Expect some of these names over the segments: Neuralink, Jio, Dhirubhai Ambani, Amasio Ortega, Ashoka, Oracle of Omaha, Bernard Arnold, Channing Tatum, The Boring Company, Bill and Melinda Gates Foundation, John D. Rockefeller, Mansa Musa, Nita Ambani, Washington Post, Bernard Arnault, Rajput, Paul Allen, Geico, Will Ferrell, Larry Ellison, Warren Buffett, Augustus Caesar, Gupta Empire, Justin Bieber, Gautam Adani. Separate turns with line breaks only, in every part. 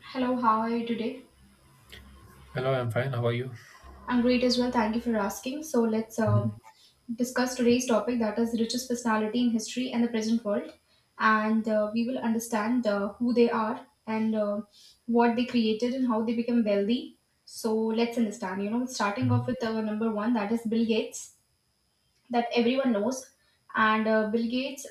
Hello, how are you today?
Hello, I'm fine. How are you?
I'm great as well. Thank you for asking. So let's
Mhm.
discuss today's topic, that is richest personality in history and the present world, and we will understand who they are and what they created and how they became wealthy. So let's understand. Starting
Mhm.
off with number one, that is Bill Gates, that everyone knows, and Bill Gates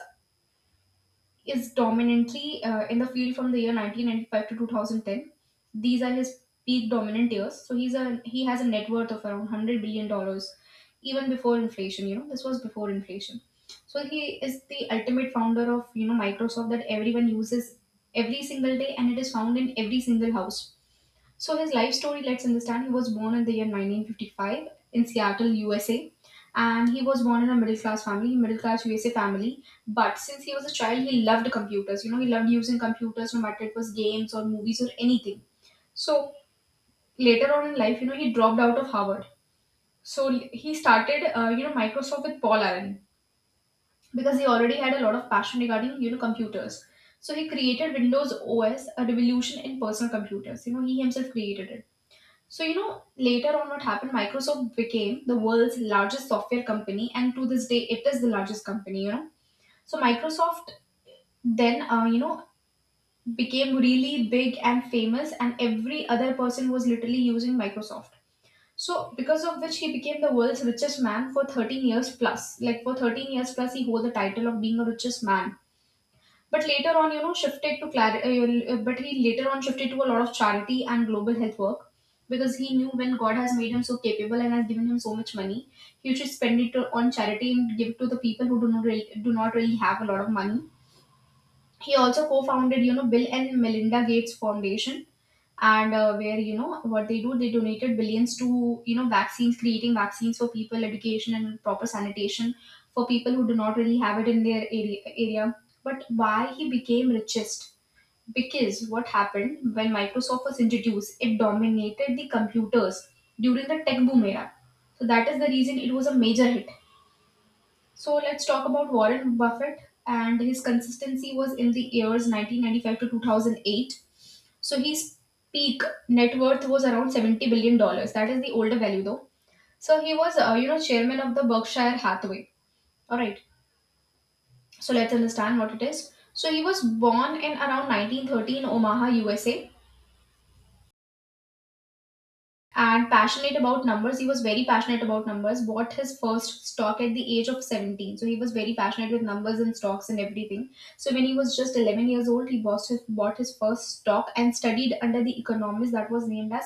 is dominantly in the field from the year 1995 to 2010. These are his peak dominant years. So he has a net worth of around 100 billion dollars even before inflation, you know. This was before inflation. So he is the ultimate founder of, you know, Microsoft that everyone uses every single day, and it is found in every single house. So his life story, let's understand. He was born in the year 1955 in Seattle, USA. And he was born in a middle class family, middle class USA family. But since he was a child, he loved computers. You know, he loved using computers, no matter it was games or movies or anything. So later on in life, you know, he dropped out of Harvard. So he started, you know, Microsoft with Paul Allen because he already had a lot of passion regarding, you know, computers. So he created Windows OS, a revolution in personal computers. You know, he himself created it. So, you know, later on what happened, Microsoft became the world's largest software company, and to this day, it is the largest company, you know. So Microsoft then, you know, became really big and famous, and every other person was literally using Microsoft. So, because of which, he became the world's richest man for 13 years plus. Like, for 13 years plus, he hold the title of being a richest man. But later on, you know, shifted to clar- but he later on shifted to a lot of charity and global health work because he knew when God has made him so capable and has given him so much money, he should spend it on charity and give it to the people who do not really have a lot of money. He also co-founded, you know, Bill and Melinda Gates Foundation, and where, you know, what they do, they donated billions to, you know, vaccines, creating vaccines for people, education, and proper sanitation for people who do not really have it in their area. But why he became richest? Because what happened, when Microsoft was introduced, it dominated the computers during the tech boom era. So that is the reason it was a major hit. So let's talk about Warren Buffett, and his consistency was in the years 1995 to 2008. So his peak net worth was around 70 billion dollars. That is the older value though. So he was you know, chairman of the Berkshire Hathaway. All right. So let's understand what it is. So he was born in around 1913, Omaha, USA, and passionate about numbers. He was very passionate about numbers, bought his first stock at the age of 17. So he was very passionate with numbers and stocks and everything. So when he was just 11 years old, bought his first stock and studied under the economist that was named as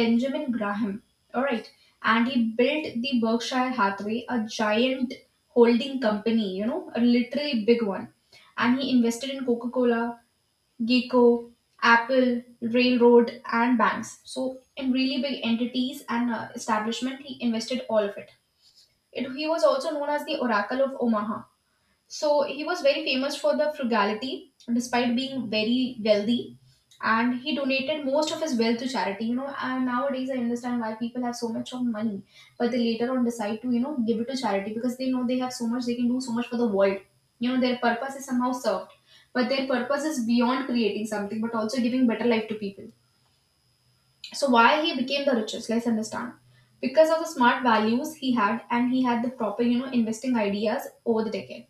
Benjamin Graham. All right. And he built the Berkshire Hathaway, a giant holding company, you know, a literally big one. And he invested in Coca Cola, Geico, Apple, railroad, and banks. So, in really big entities and establishment, he invested all of it. He was also known as the Oracle of Omaha. So he was very famous for the frugality, despite being very wealthy, and he donated most of his wealth to charity. You know, and nowadays I understand why people have so much of money, but they later on decide to, you know, give it to charity because they know they have so much, they can do so much for the world. You know, their purpose is somehow served, but their purpose is beyond creating something, but also giving better life to people. So why he became the richest? Let's understand. Because of the smart values he had, and he had the proper, you know, investing ideas over the decade.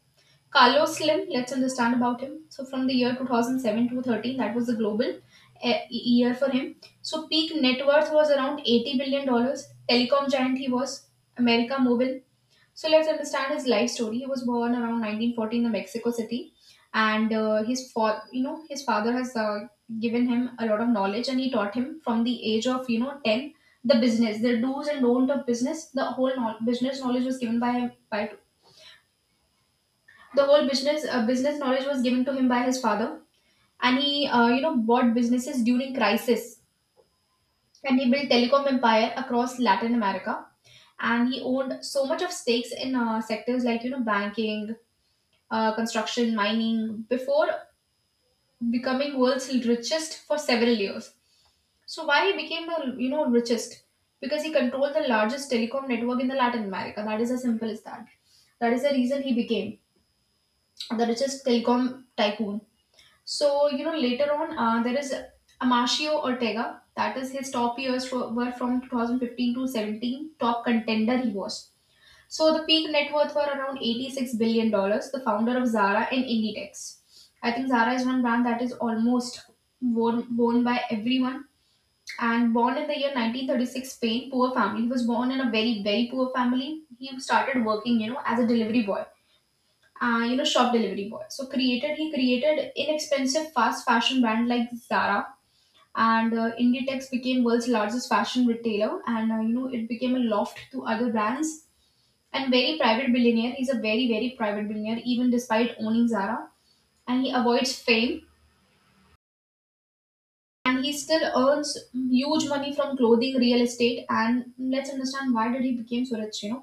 Carlos Slim, let's understand about him. So from the year 2007 to 13, that was the global year for him. So peak net worth was around 80 billion dollars. Telecom giant he was, America Mobile. So let's understand his life story. He was born around 1914 in Mexico City, and you know, his father has given him a lot of knowledge, and he taught him from the age of, you know, 10 the business, the do's and don't of business. The whole know- business knowledge was given by him by the whole business business knowledge was given to him by his father. And he, you know, bought businesses during crisis, and he built telecom empire across Latin America, and he owned so much of stakes in sectors like, you know, banking, construction, mining before becoming world's richest for several years. So why he became the, you know, richest? Because he controlled the largest telecom network in the Latin America. That is as simple as that. That is the reason he became the richest telecom tycoon. So, you know, later on, there is Amasio Ortega. That is his were from 2015 to 17. Top contender he was. So the peak net worth were around 86 billion dollars. The founder of Zara and Inditex. I think Zara is one brand that is almost worn by everyone. And born in the year 1936, Spain, poor family. He was born in a very, very poor family. He started working, you know, as a delivery boy, you know, shop delivery boy. So created he created inexpensive fast fashion brand like Zara, and Inditex became world's largest fashion retailer, and you know, it became a loft to other brands. And very private billionaire. He's a very, very private billionaire, even despite owning Zara, and he avoids fame, and he still earns huge money from clothing, real estate. And let's understand why did he became so rich. You know,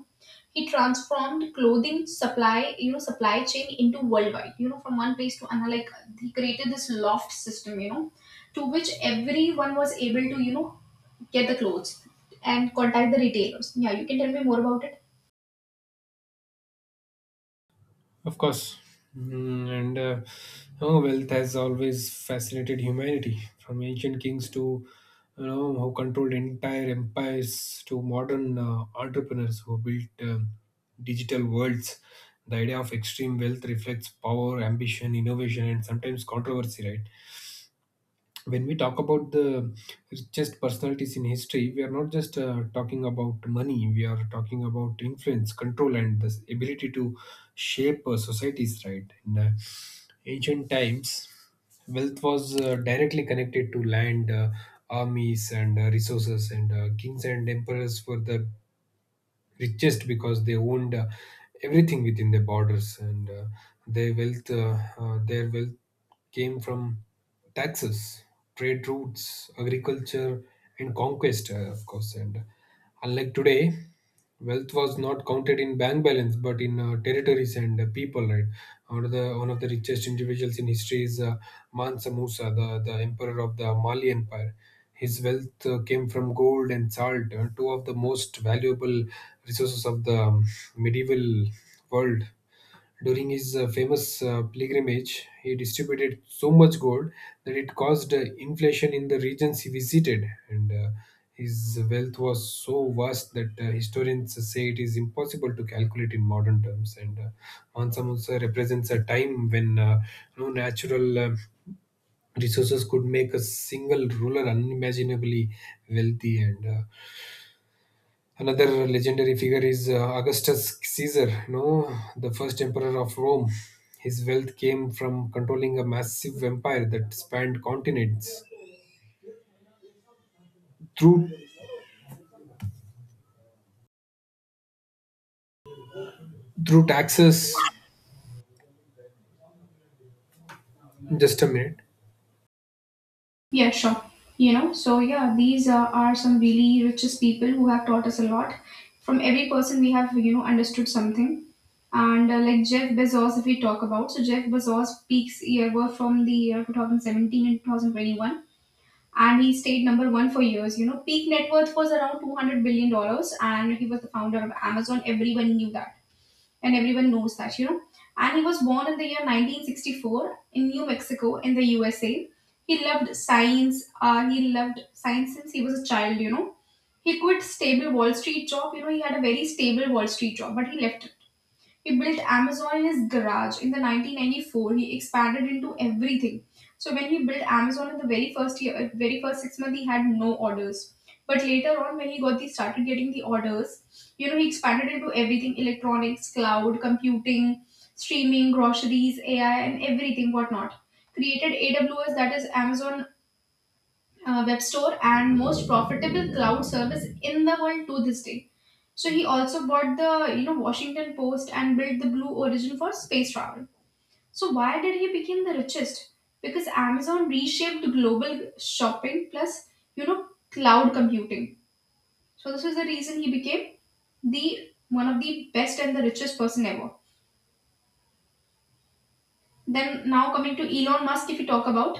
he transformed clothing supply you know, supply chain into worldwide, you know, from one place to another. Like, he created this loft system, you know, to which everyone was able to, you know, get the clothes and contact the retailers. Yeah, you can tell me more about it.
Of course. Mm, and oh, wealth has always fascinated humanity, from ancient kings to who controlled entire empires to modern entrepreneurs who built digital worlds. The idea of extreme wealth reflects power, ambition, innovation, and sometimes controversy, right? When we talk about the richest personalities in history, we are not just talking about money, we are talking about influence, control, and the ability to shape societies, right? In ancient times, wealth was directly connected to land, armies, and resources, and kings and emperors were the richest because they owned everything within their borders, and their wealth came from taxes, trade routes, agriculture, and conquest, of course. And unlike today, wealth was not counted in bank balance, but in territories and people. Right, one of the richest individuals in history is Mansa Musa, the emperor of the Mali Empire. His wealth came from gold and salt, two of the most valuable resources of the medieval world. During his famous pilgrimage, he distributed so much gold that it caused inflation in the regions he visited. And his wealth was so vast that historians say it is impossible to calculate in modern terms. And Mansa Musa represents a time when no natural resources could make a single ruler unimaginably wealthy. And another legendary figure is Augustus Caesar, no, the first emperor of Rome. His wealth came from controlling a massive empire that spanned continents through through taxes. Just a minute.
Yeah, sure. You know, so yeah, these are some really richest people who have taught us a lot. From every person, we have, you know, understood something. And like Jeff Bezos, if we talk about, so Jeff Bezos peaks year were from the year 2017 and 2021. And he stayed number one for years. You know, peak net worth was around $200 billion. Dollars, And he was the founder of Amazon. Everyone knew that, and everyone knows that, you know. And he was born in the year 1964 in New Mexico in the USA. He loved science. He loved science since he was a child, you know. He quit stable Wall Street job. You know, he had a very stable Wall Street job, but he left it. He built Amazon in his garage. In the 1994, he expanded into everything. So when he built Amazon in the very first year, very first 6 months, he had no orders. But later on, when he got the started getting the orders, you know, he expanded into everything: electronics, cloud, computing, streaming, groceries, AI, and everything whatnot. Created AWS, that is Amazon Web Store, and most profitable cloud service in the world to this day. So he also bought the, you know, Washington Post and built the Blue Origin for space travel. So why did he become the richest? Because Amazon reshaped global shopping plus, you know, cloud computing. So this is the reason he became the one of the best and the richest person ever. Then now coming to Elon Musk, if we talk about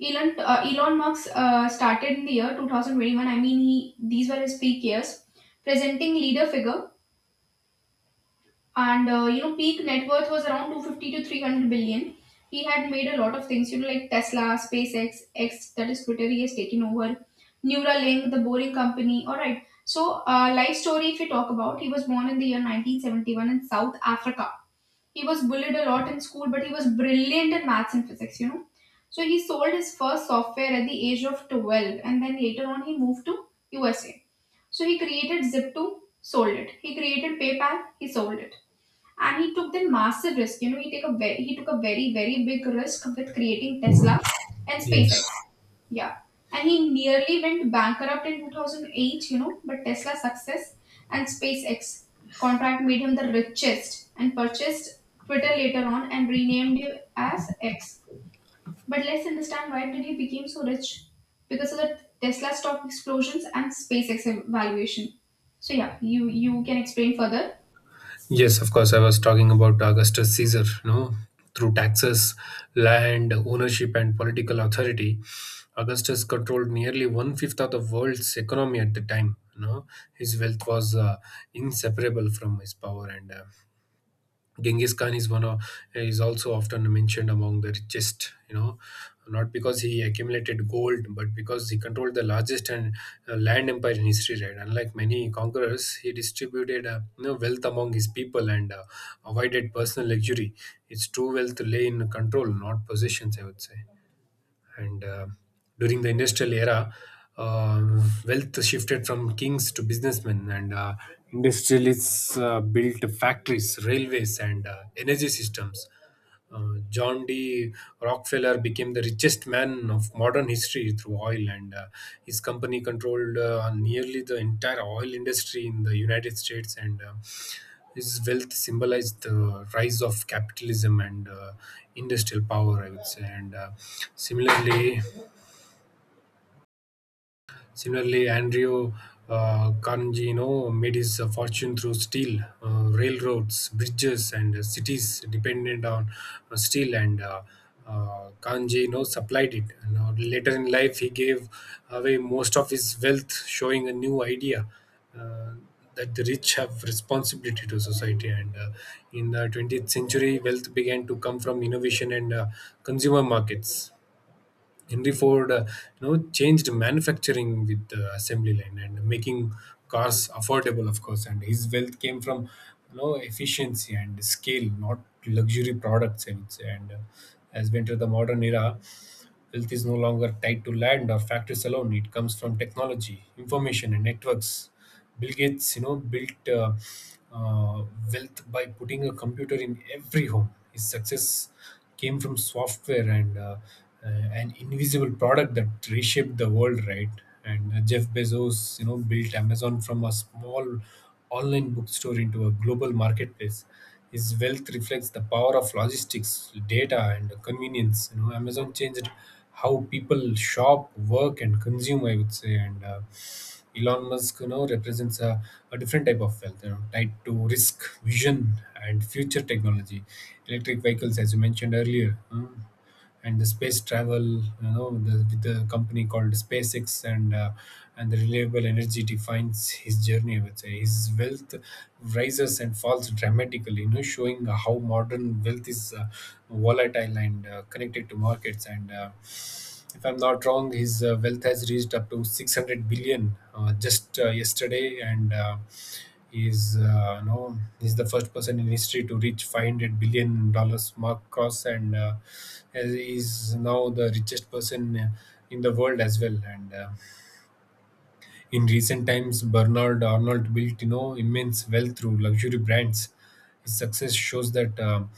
Elon Musk started in the year 2021. I mean he these were his peak years, presenting leader figure, and you know, peak net worth was around 250 to 300 billion. He had made a lot of things, you know, like Tesla, SpaceX, X — that is Twitter, he has taken over — Neuralink, the Boring Company. All right, so life story, if we talk about, he was born in the year 1971 in South Africa. He was bullied a lot in school, but he was brilliant in maths and physics, you know. So he sold his first software at the age of 12, and then later on he moved to USA. So he created Zip2, sold it, he created PayPal, he sold it, and he took that massive risk. You know, he took a very, very big risk with creating Tesla and SpaceX.
Yes.
Yeah, and he nearly went bankrupt in 2008. You know, but Tesla's success and SpaceX contract made him the richest, and purchased Twitter later on and renamed it as X. But let's understand, why did he become so rich? Because of the Tesla stock explosions and SpaceX valuation. So yeah, you can explain further.
Yes, of course. I was talking about Augustus Caesar, no, through taxes, land, ownership, and political authority. Augustus controlled nearly one fifth of the world's economy at the time. You know, his wealth was inseparable from his power, and Genghis Khan is one of is also often mentioned among the richest, you know, not because he accumulated gold, but because he controlled the largest and land empire in history. Right, unlike many conquerors, he distributed wealth among his people and avoided personal luxury. Its true wealth lay in control, not possessions, I would say. And during the industrial era, wealth shifted from kings to businessmen, and industrialists built factories, railways, and energy systems. John D. Rockefeller became the richest man of modern history through oil, and his company controlled nearly the entire oil industry in the United States. And his wealth symbolized the rise of capitalism and industrial power, I would say. And similarly, Similarly, Andrea Carnegie made his fortune through steel, railroads, bridges, and cities dependent on steel, and Carnegie supplied it. And later in life, he gave away most of his wealth, showing a new idea. Uh, that the rich have responsibility to society. And in the 20th century, wealth began to come from innovation and consumer markets. Henry Ford, changed manufacturing with the assembly line and making cars affordable, of course. And his wealth came from, you know, efficiency and scale, not luxury products, I would say. And as we enter the modern era, wealth is no longer tied to land or factories alone. It comes from technology, information, and networks. Bill Gates, you know, built uh, wealth by putting a computer in every home. His success came from software and an invisible product that reshaped the world, right? And Jeff Bezos, you know, built Amazon from a small online bookstore into a global marketplace. His wealth reflects the power of logistics, data, and convenience. You know, Amazon changed how people shop, work, and consume, I would say. And Elon Musk, you know, represents a different type of wealth, you know, tied to risk, vision, and future technology. Electric vehicles, as you mentioned earlier. Mm, and the space travel, you know, with the company called SpaceX, and the reliable energy defines his journey. I would say his wealth rises and falls dramatically, you know, showing how modern wealth is volatile and connected to markets. And if I'm not wrong, his wealth has reached up to 600 billion just yesterday, and. Is no, is the first person in history to reach 500 dollars mark cross, and is now the richest person in the world as well. And in recent times, Bernard Arnold built, you know, immense wealth through luxury brands. His success shows that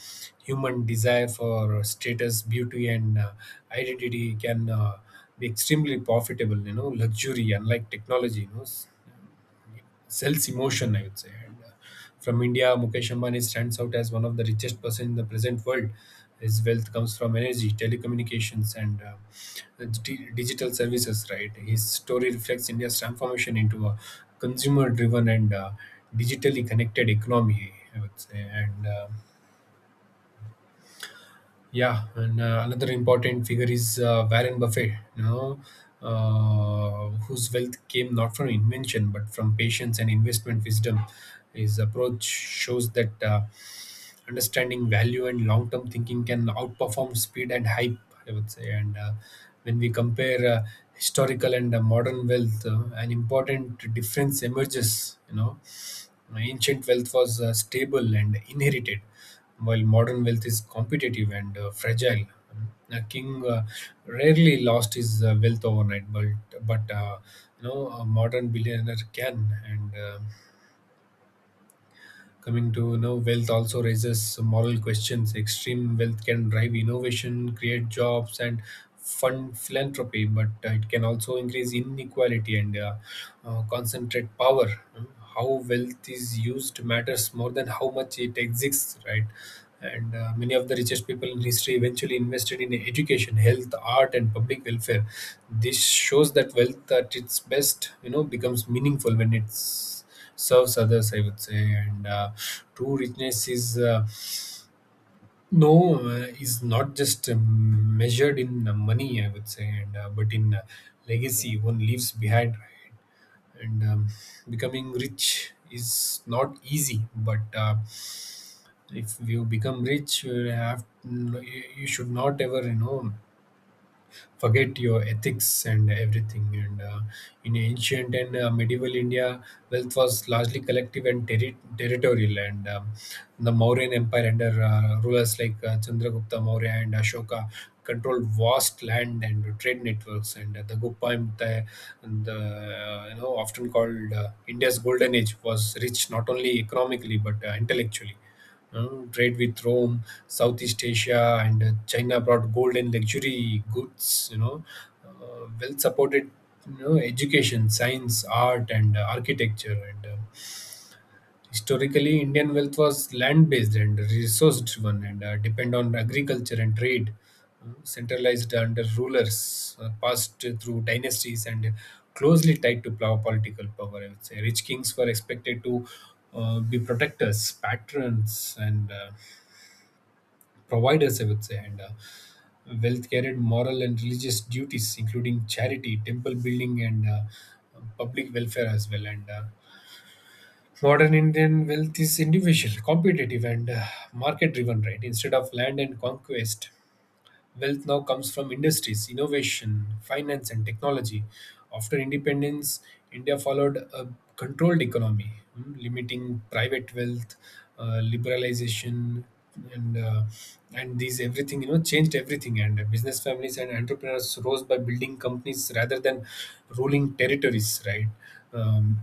human desire for status, beauty, and identity can be extremely profitable. You know, luxury, unlike technology, you know, sells emotion, I would say. And from India, Mukesh Ambani stands out as one of the richest person in the present world. His wealth comes from energy, telecommunications, and digital services. Right, his story reflects India's transformation into a consumer-driven and digitally connected economy, I would say. And yeah, and another important figure is Warren Buffett, you know, whose wealth came not from invention but from patience and investment wisdom. His approach shows that understanding value and long term thinking can outperform speed and hype, I would say. And when we compare historical and modern wealth, an important difference emerges. You know, ancient wealth was stable and inherited, while modern wealth is competitive and fragile. A king rarely lost his wealth overnight, but you know, a modern billionaire can. And coming to, you know, wealth also raises moral questions. Extreme wealth can drive innovation, create jobs, and fund philanthropy, but it can also increase inequality and concentrate power. Hmm? How wealth is used matters more than how much it exists, right? And many of the richest people in history eventually invested in education, health, art, and public welfare. This shows that wealth at its best, you know, becomes meaningful when it's serves others, I would say. And true richness is no is not just measured in money, I would say, and but in legacy one leaves behind, right? And becoming rich is not easy, but if you become rich, have you should not ever, you know, forget your ethics and everything. And in ancient and medieval India, wealth was largely collective and territorial. And the Mauryan Empire under rulers like Chandragupta Maurya and Ashoka controlled vast land and trade networks. And the Gupta Empire, you know, often called India's Golden Age, was rich not only economically but intellectually. Mm, trade with Rome, Southeast Asia, and China brought gold and luxury goods. You know, well supported, you know, education, science, art, and architecture. And historically, Indian wealth was land based and resource driven, and depend on agriculture and trade. Centralized under rulers, passed through dynasties and closely tied to political power, I would say. Rich kings were expected to be protectors, patrons, and providers, I would say, and wealth carried moral and religious duties, including charity, temple building, and public welfare as well. And modern Indian wealth is individual, competitive, and market driven, right? Instead of land and conquest, wealth now comes from industries, innovation, finance, and technology. After independence, India followed a controlled economy, mm, limiting private wealth, liberalization, and uh, and these everything, you know, changed everything. And business families and entrepreneurs rose by building companies rather than ruling territories, right? Um,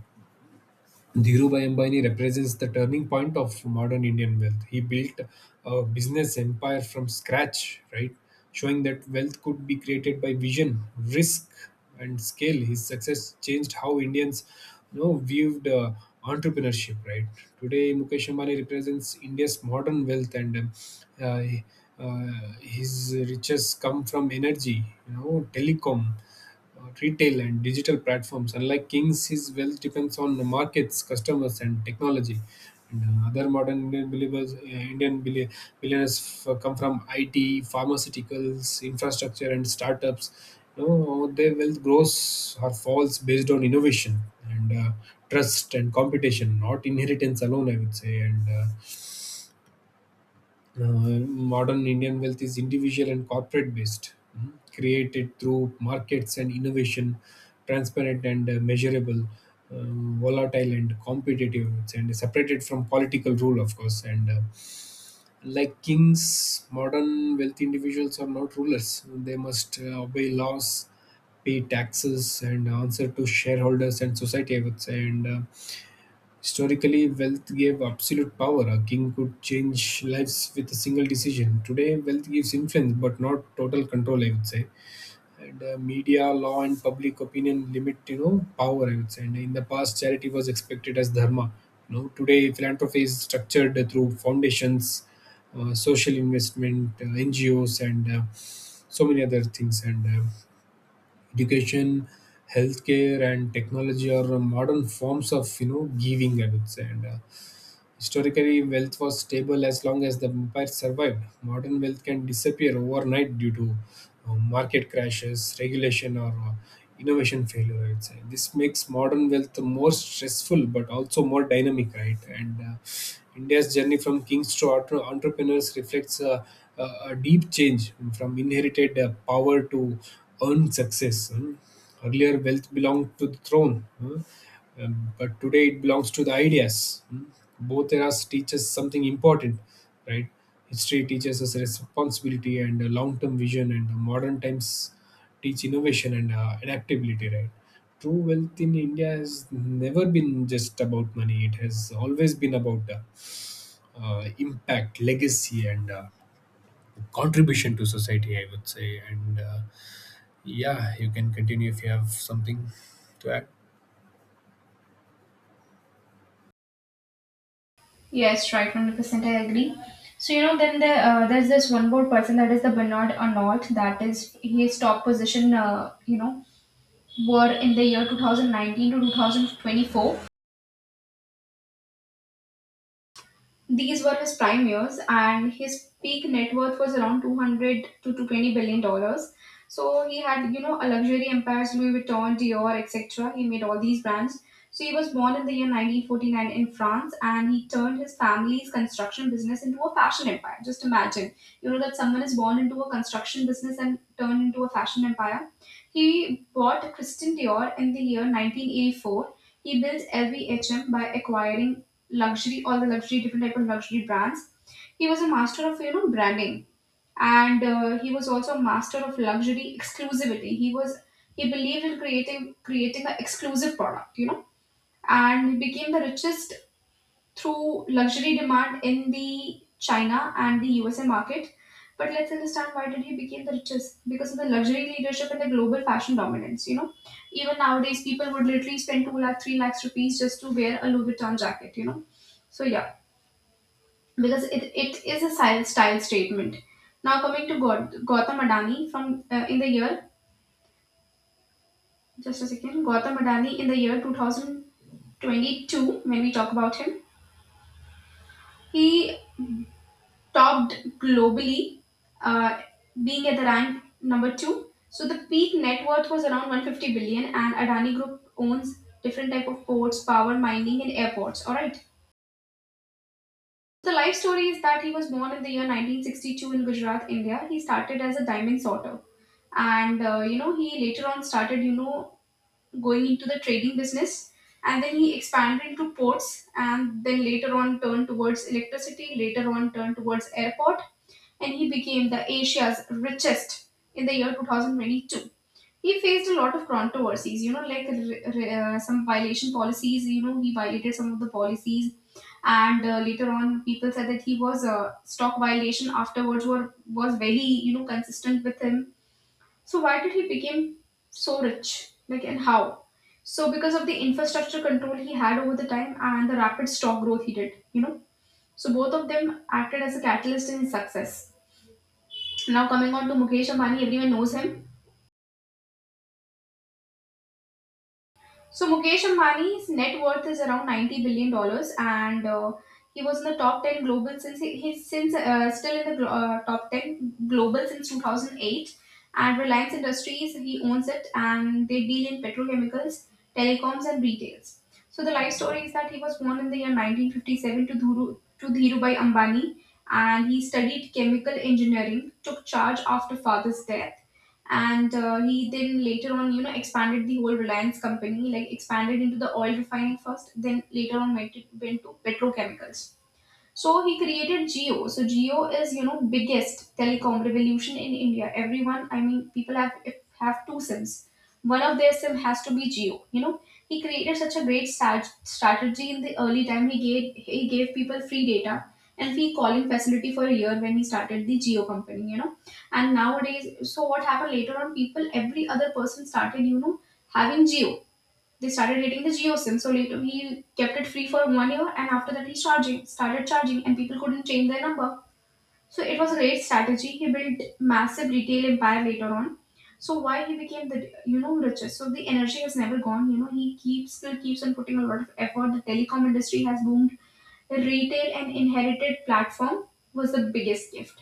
Dhirubhai Ambani represents the turning point of modern Indian wealth. He built a business empire from scratch, right? Showing that wealth could be created by vision, risk, and scale. His success changed how Indians, you know, viewed entrepreneurship, right? Today, Mukesh Ambani represents India's modern wealth, and uh, his riches come from energy, you know, telecom, retail, and digital platforms. Unlike kings, his wealth depends on the markets, customers, and technology. And other modern Indian believers, Indian billionaires come from IT, pharmaceuticals, infrastructure, and startups. You know, their wealth grows or falls based on innovation and trust and competition, not inheritance alone, I would say. And uh, modern Indian wealth is individual and corporate based, mhm, created through markets and innovation, transparent and measurable, volatile and competitive, and separated from political rule, of course. And like kings, modern wealthy individuals are not rulers. They must obey laws, pay taxes, and answer to shareholders and society, I would say. And historically, wealth gave absolute power. A king could change lives with a single decision. Today, wealth gives influence, but not total control, I would say. And Media, law, and public opinion limit, power, I would say. And in the past, charity was expected as dharma. Today, philanthropy is structured through foundations, social investment, NGOs, and so many other things. And Education, healthcare, and technology are modern forms of, giving, I would say. And Historically, wealth was stable as long as the empire survived. Modern wealth can disappear overnight due to market crashes, regulation, or innovation failure, I'd say. This makes modern wealth more stressful but also more dynamic, right? And India's journey from kings to entrepreneurs reflects a deep change from inherited power to earned success. Hmm. Earlier, wealth belonged to the throne. Hmm. But today it belongs to the ideas. Mm. Both eras teach us something important, right? History teaches us responsibility and a long-term vision, and the modern times teach innovation and adaptability, right? True wealth in India has never been just about money. It has always been about impact, legacy, and contribution to society, I would say. And Yeah, you can continue if you have something to add.
Yes, right, 100% I agree. So, you know, there's this one more person, that is the Bernard Arnault, that is his top position, you know, were in the year 2019 to 2024. These were his prime years, and his peak net worth was around 200 to 220 billion dollars. So he had, you know, a luxury empires — Louis Vuitton, Dior, etc. He made all these brands. So he was born in the year 1949 in France, and he turned his family's construction business into a fashion empire. Just imagine, you know, that someone is born into a construction business and turned into a fashion empire. He bought Christian Dior in the year 1984. He built LVMH by acquiring luxury, all the luxury, different type of luxury brands. He was a master of, you know, branding, and he was also a master of luxury exclusivity. He believed in creating an exclusive product, you know, and he became the richest through luxury demand in the China and the USA market. But let's understand, why did he become the richest? Because of the luxury leadership and the global fashion dominance, you know. Even nowadays, people would literally spend 2 lakh, 3 lakhs rupees just to wear a Louis Vuitton jacket, you know. So yeah, because it is a style, style statement. Now coming to Gautam Adani from in the year — just a second — Gautam Adani, in the year 2022, when we talk about him, he topped globally, uh, being at the rank number two. So the peak net worth was around 150 billion, and Adani Group owns different type of ports, power, mining and airports. All right. The life story is that he was born in the year 1962 in Gujarat, India. He started as a diamond sorter, and you know, he later on started, you know, going into the trading business, and then he expanded into ports, and then later on turned towards electricity. Later on turned towards airport, and he became the Asia's richest in the year 2022. He faced a lot of controversies, you know, like some violation policies, you know, he violated some of the policies. And later on, people said that he was, stock violation afterwards were, was very, you know, consistent with him. So why did he become so rich, like, and how? So because of the infrastructure control he had over the time and the rapid stock growth he did, you know. So both of them acted as a catalyst in his success. Now coming on to Mukesh Ambani, everyone knows him. So Mukesh Ambani's net worth is around 90 billion dollars, and he was in the top 10 global since he's since still in the top 10 global since 2008. And Reliance Industries he owns it, and they deal in petrochemicals, telecoms, and retails. So the life story is that he was born in the year 1957 to Dhirubhai Ambani, and he studied chemical engineering. Took charge after father's death, and he then later on, you know, expanded the whole Reliance company, like expanded into the oil refining first, then later on went to petrochemicals. So he created Geo. So Geo is, you know, biggest telecom revolution in India. Everyone, I mean, people have two sims. One of their sim has to be Geo. You know, he created such a great strategy in the early time. He gave people free data and free calling facility for a year when he started the Geo company. You know, and nowadays, so what happened later on? People, every other person started, you know, having Geo, they started hitting the GeoSIM, so later he kept it free for 1 year, and after that he charging started charging, and people couldn't change their number. So it was a great strategy. He built massive retail empire later on. So why he became the, you know, richest? So the energy has never gone. You know, he keeps still keeps on putting a lot of effort. The telecom industry has boomed. The retail and inherited platform was the biggest gift.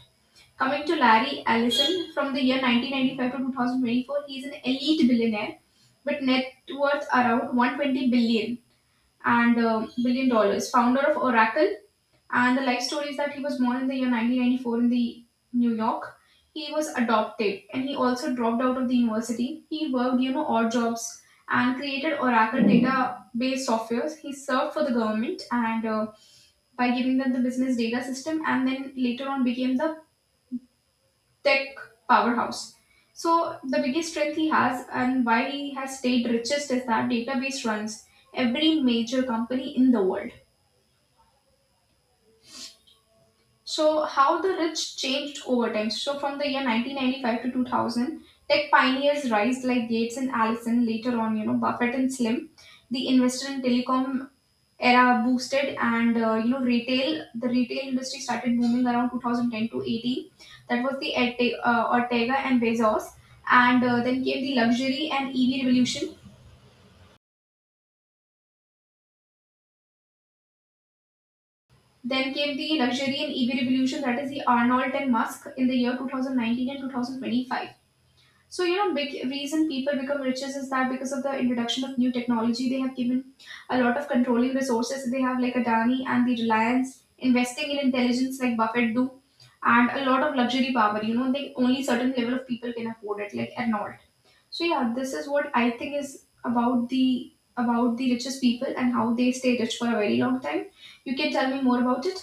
Coming to Larry Ellison, from the year 1995 to 2024, he is an elite billionaire with net worth around 120 billion, and billion dollars. Founder of Oracle, and the life story is that he was born in the year 1994 in the New York. He was adopted, and he also dropped out of the university. He worked, you know, odd jobs and created Oracle database softwares. He served for the government, and by giving them the business data system, and then later on became the tech powerhouse. So the biggest strength he has and why he has stayed richest is that database runs every major company in the world. So how the rich changed over time. So from the year 1995 to 2000, tech pioneers rise like Gates and Allison. Later on, you know, Buffett and Slim. The investor in telecom era boosted, and you know, retail. The retail industry started booming around 2010 to 18. That was the Ortega and Bezos, and then came the luxury and EV revolution. Then came the luxury and EV revolution, that is the Arnold and Musk in the year 2019 and 2025. So you know, big reason people become riches is that because of the introduction of new technology, they have given a lot of controlling resources. They have, like Adani and the Reliance, investing in intelligence like Buffett do, and a lot of luxury power. You know, they — only certain level of people can afford it, like Arnold. So yeah, this is what I think is about the richest people and how they stay rich for a very long time. You can tell me more about it.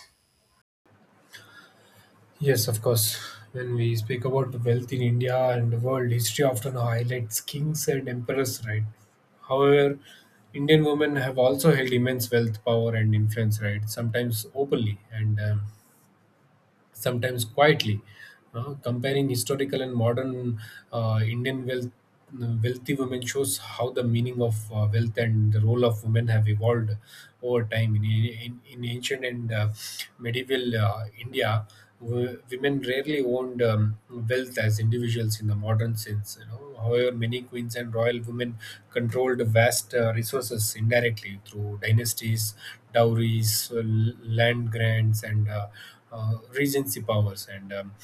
Yes, of course. When we speak about the wealth in India and the world, history often highlights kings and emperors, right? However, Indian women have also held immense wealth, power, and influence, right? Sometimes openly. And Sometimes quietly. Comparing historical and modern Indian wealth, wealthy women shows how the meaning of wealth and the role of women have evolved over time. In ancient and medieval India, women rarely owned wealth as individuals in the modern sense. However, many queens and royal women controlled vast resources indirectly through dynasties, dowries, land grants, and regency powers. And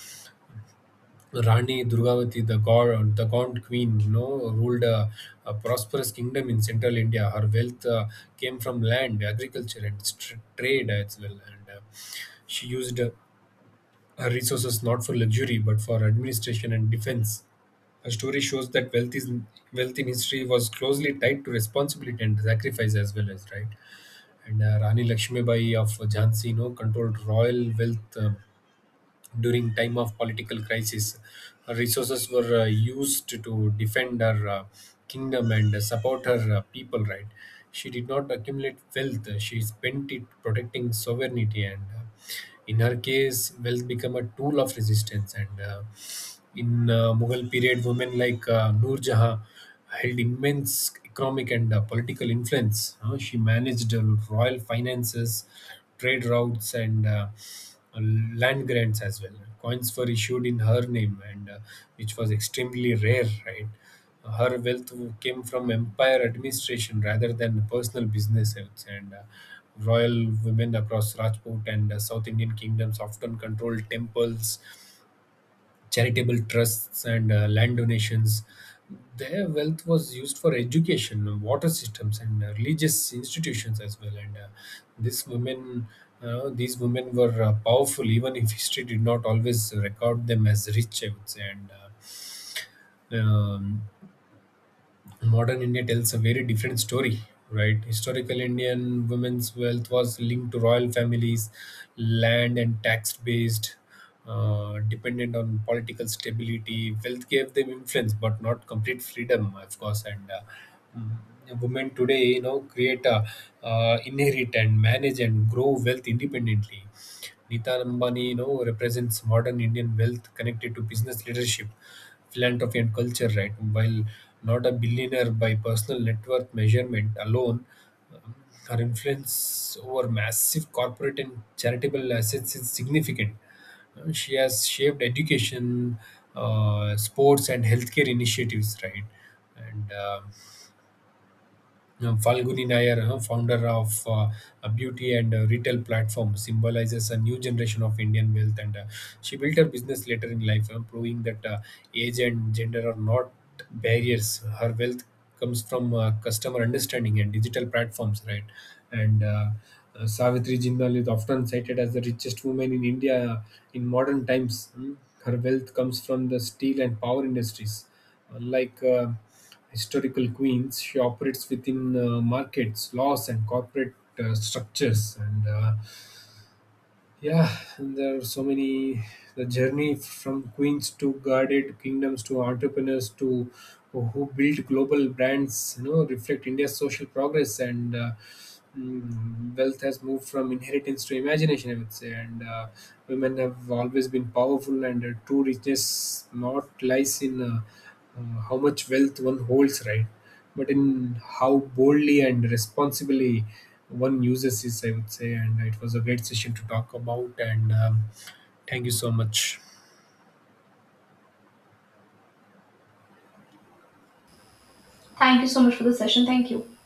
Rani Durgavati, the god, the gaunt queen, you know, ruled a prosperous kingdom in central India. Her wealth came from land, agriculture, and str trade as well. And She used her resources not for luxury but for administration and defense. Her story shows that wealth is Wealth in history was closely tied to responsibility and sacrifice as well as right. And Rani Lakshmibai of Jhansi, you know, controlled royal wealth during time of political crisis. Her resources were used to defend her kingdom and support her people. Right, she did not accumulate wealth; she spent it protecting sovereignty. And. In her case, wealth became a tool of resistance, and in Mughal period, women like Noor Jahan held immense economic and political influence. She managed royal finances, trade routes, and land grants as well. Coins were issued in her name, and which was extremely rare, right? Her wealth came from empire administration rather than personal business, I would say. And Royal women across Rajput and South Indian kingdoms often controlled temples, charitable trusts and land donations. Their wealth was used for education, water systems, and religious institutions as well. These women, these women were powerful, even if history did not always record them as rich, I would say. And uh, um, Modern India tells a very different story, right? Historical Indian women's wealth was linked to royal families, land and tax based, dependent on political stability. Wealth gave them influence, but not complete freedom, of course. Women today, you know, create, inherit and manage and grow wealth independently. Nita Ambani, you know, represents modern Indian wealth connected to business leadership, philanthropy, and culture. Right, while not a billionaire by personal net worth measurement alone, um, her influence over massive corporate and charitable assets is significant. She has shaped education, sports, and healthcare initiatives, right? and Falguni Nayar, huh, founder of a beauty and retail platform, symbolizes a new generation of Indian wealth, and she built her business later in life, proving that age and gender are not barriers. Her wealth comes from customer understanding and digital platforms, right? And Savitri Jindal is often cited as the richest woman in India in modern times. Hmm. Her wealth comes from the steel and power industries. Unlike historical queens, she operates within markets, laws, and corporate structures. And Yeah, and there are so many. The journey from queens to guarded kingdoms to entrepreneurs to who build global brands, you know, reflect India's social progress. And. Wealth has moved from inheritance to imagination, I would say. And Women have always been powerful, and true richness not lies in how much wealth one holds, right? But in how boldly and responsibly one uses this, I would say. And it was a great session to talk about. And Thank you so much.
Thank you so much for the session. Thank you.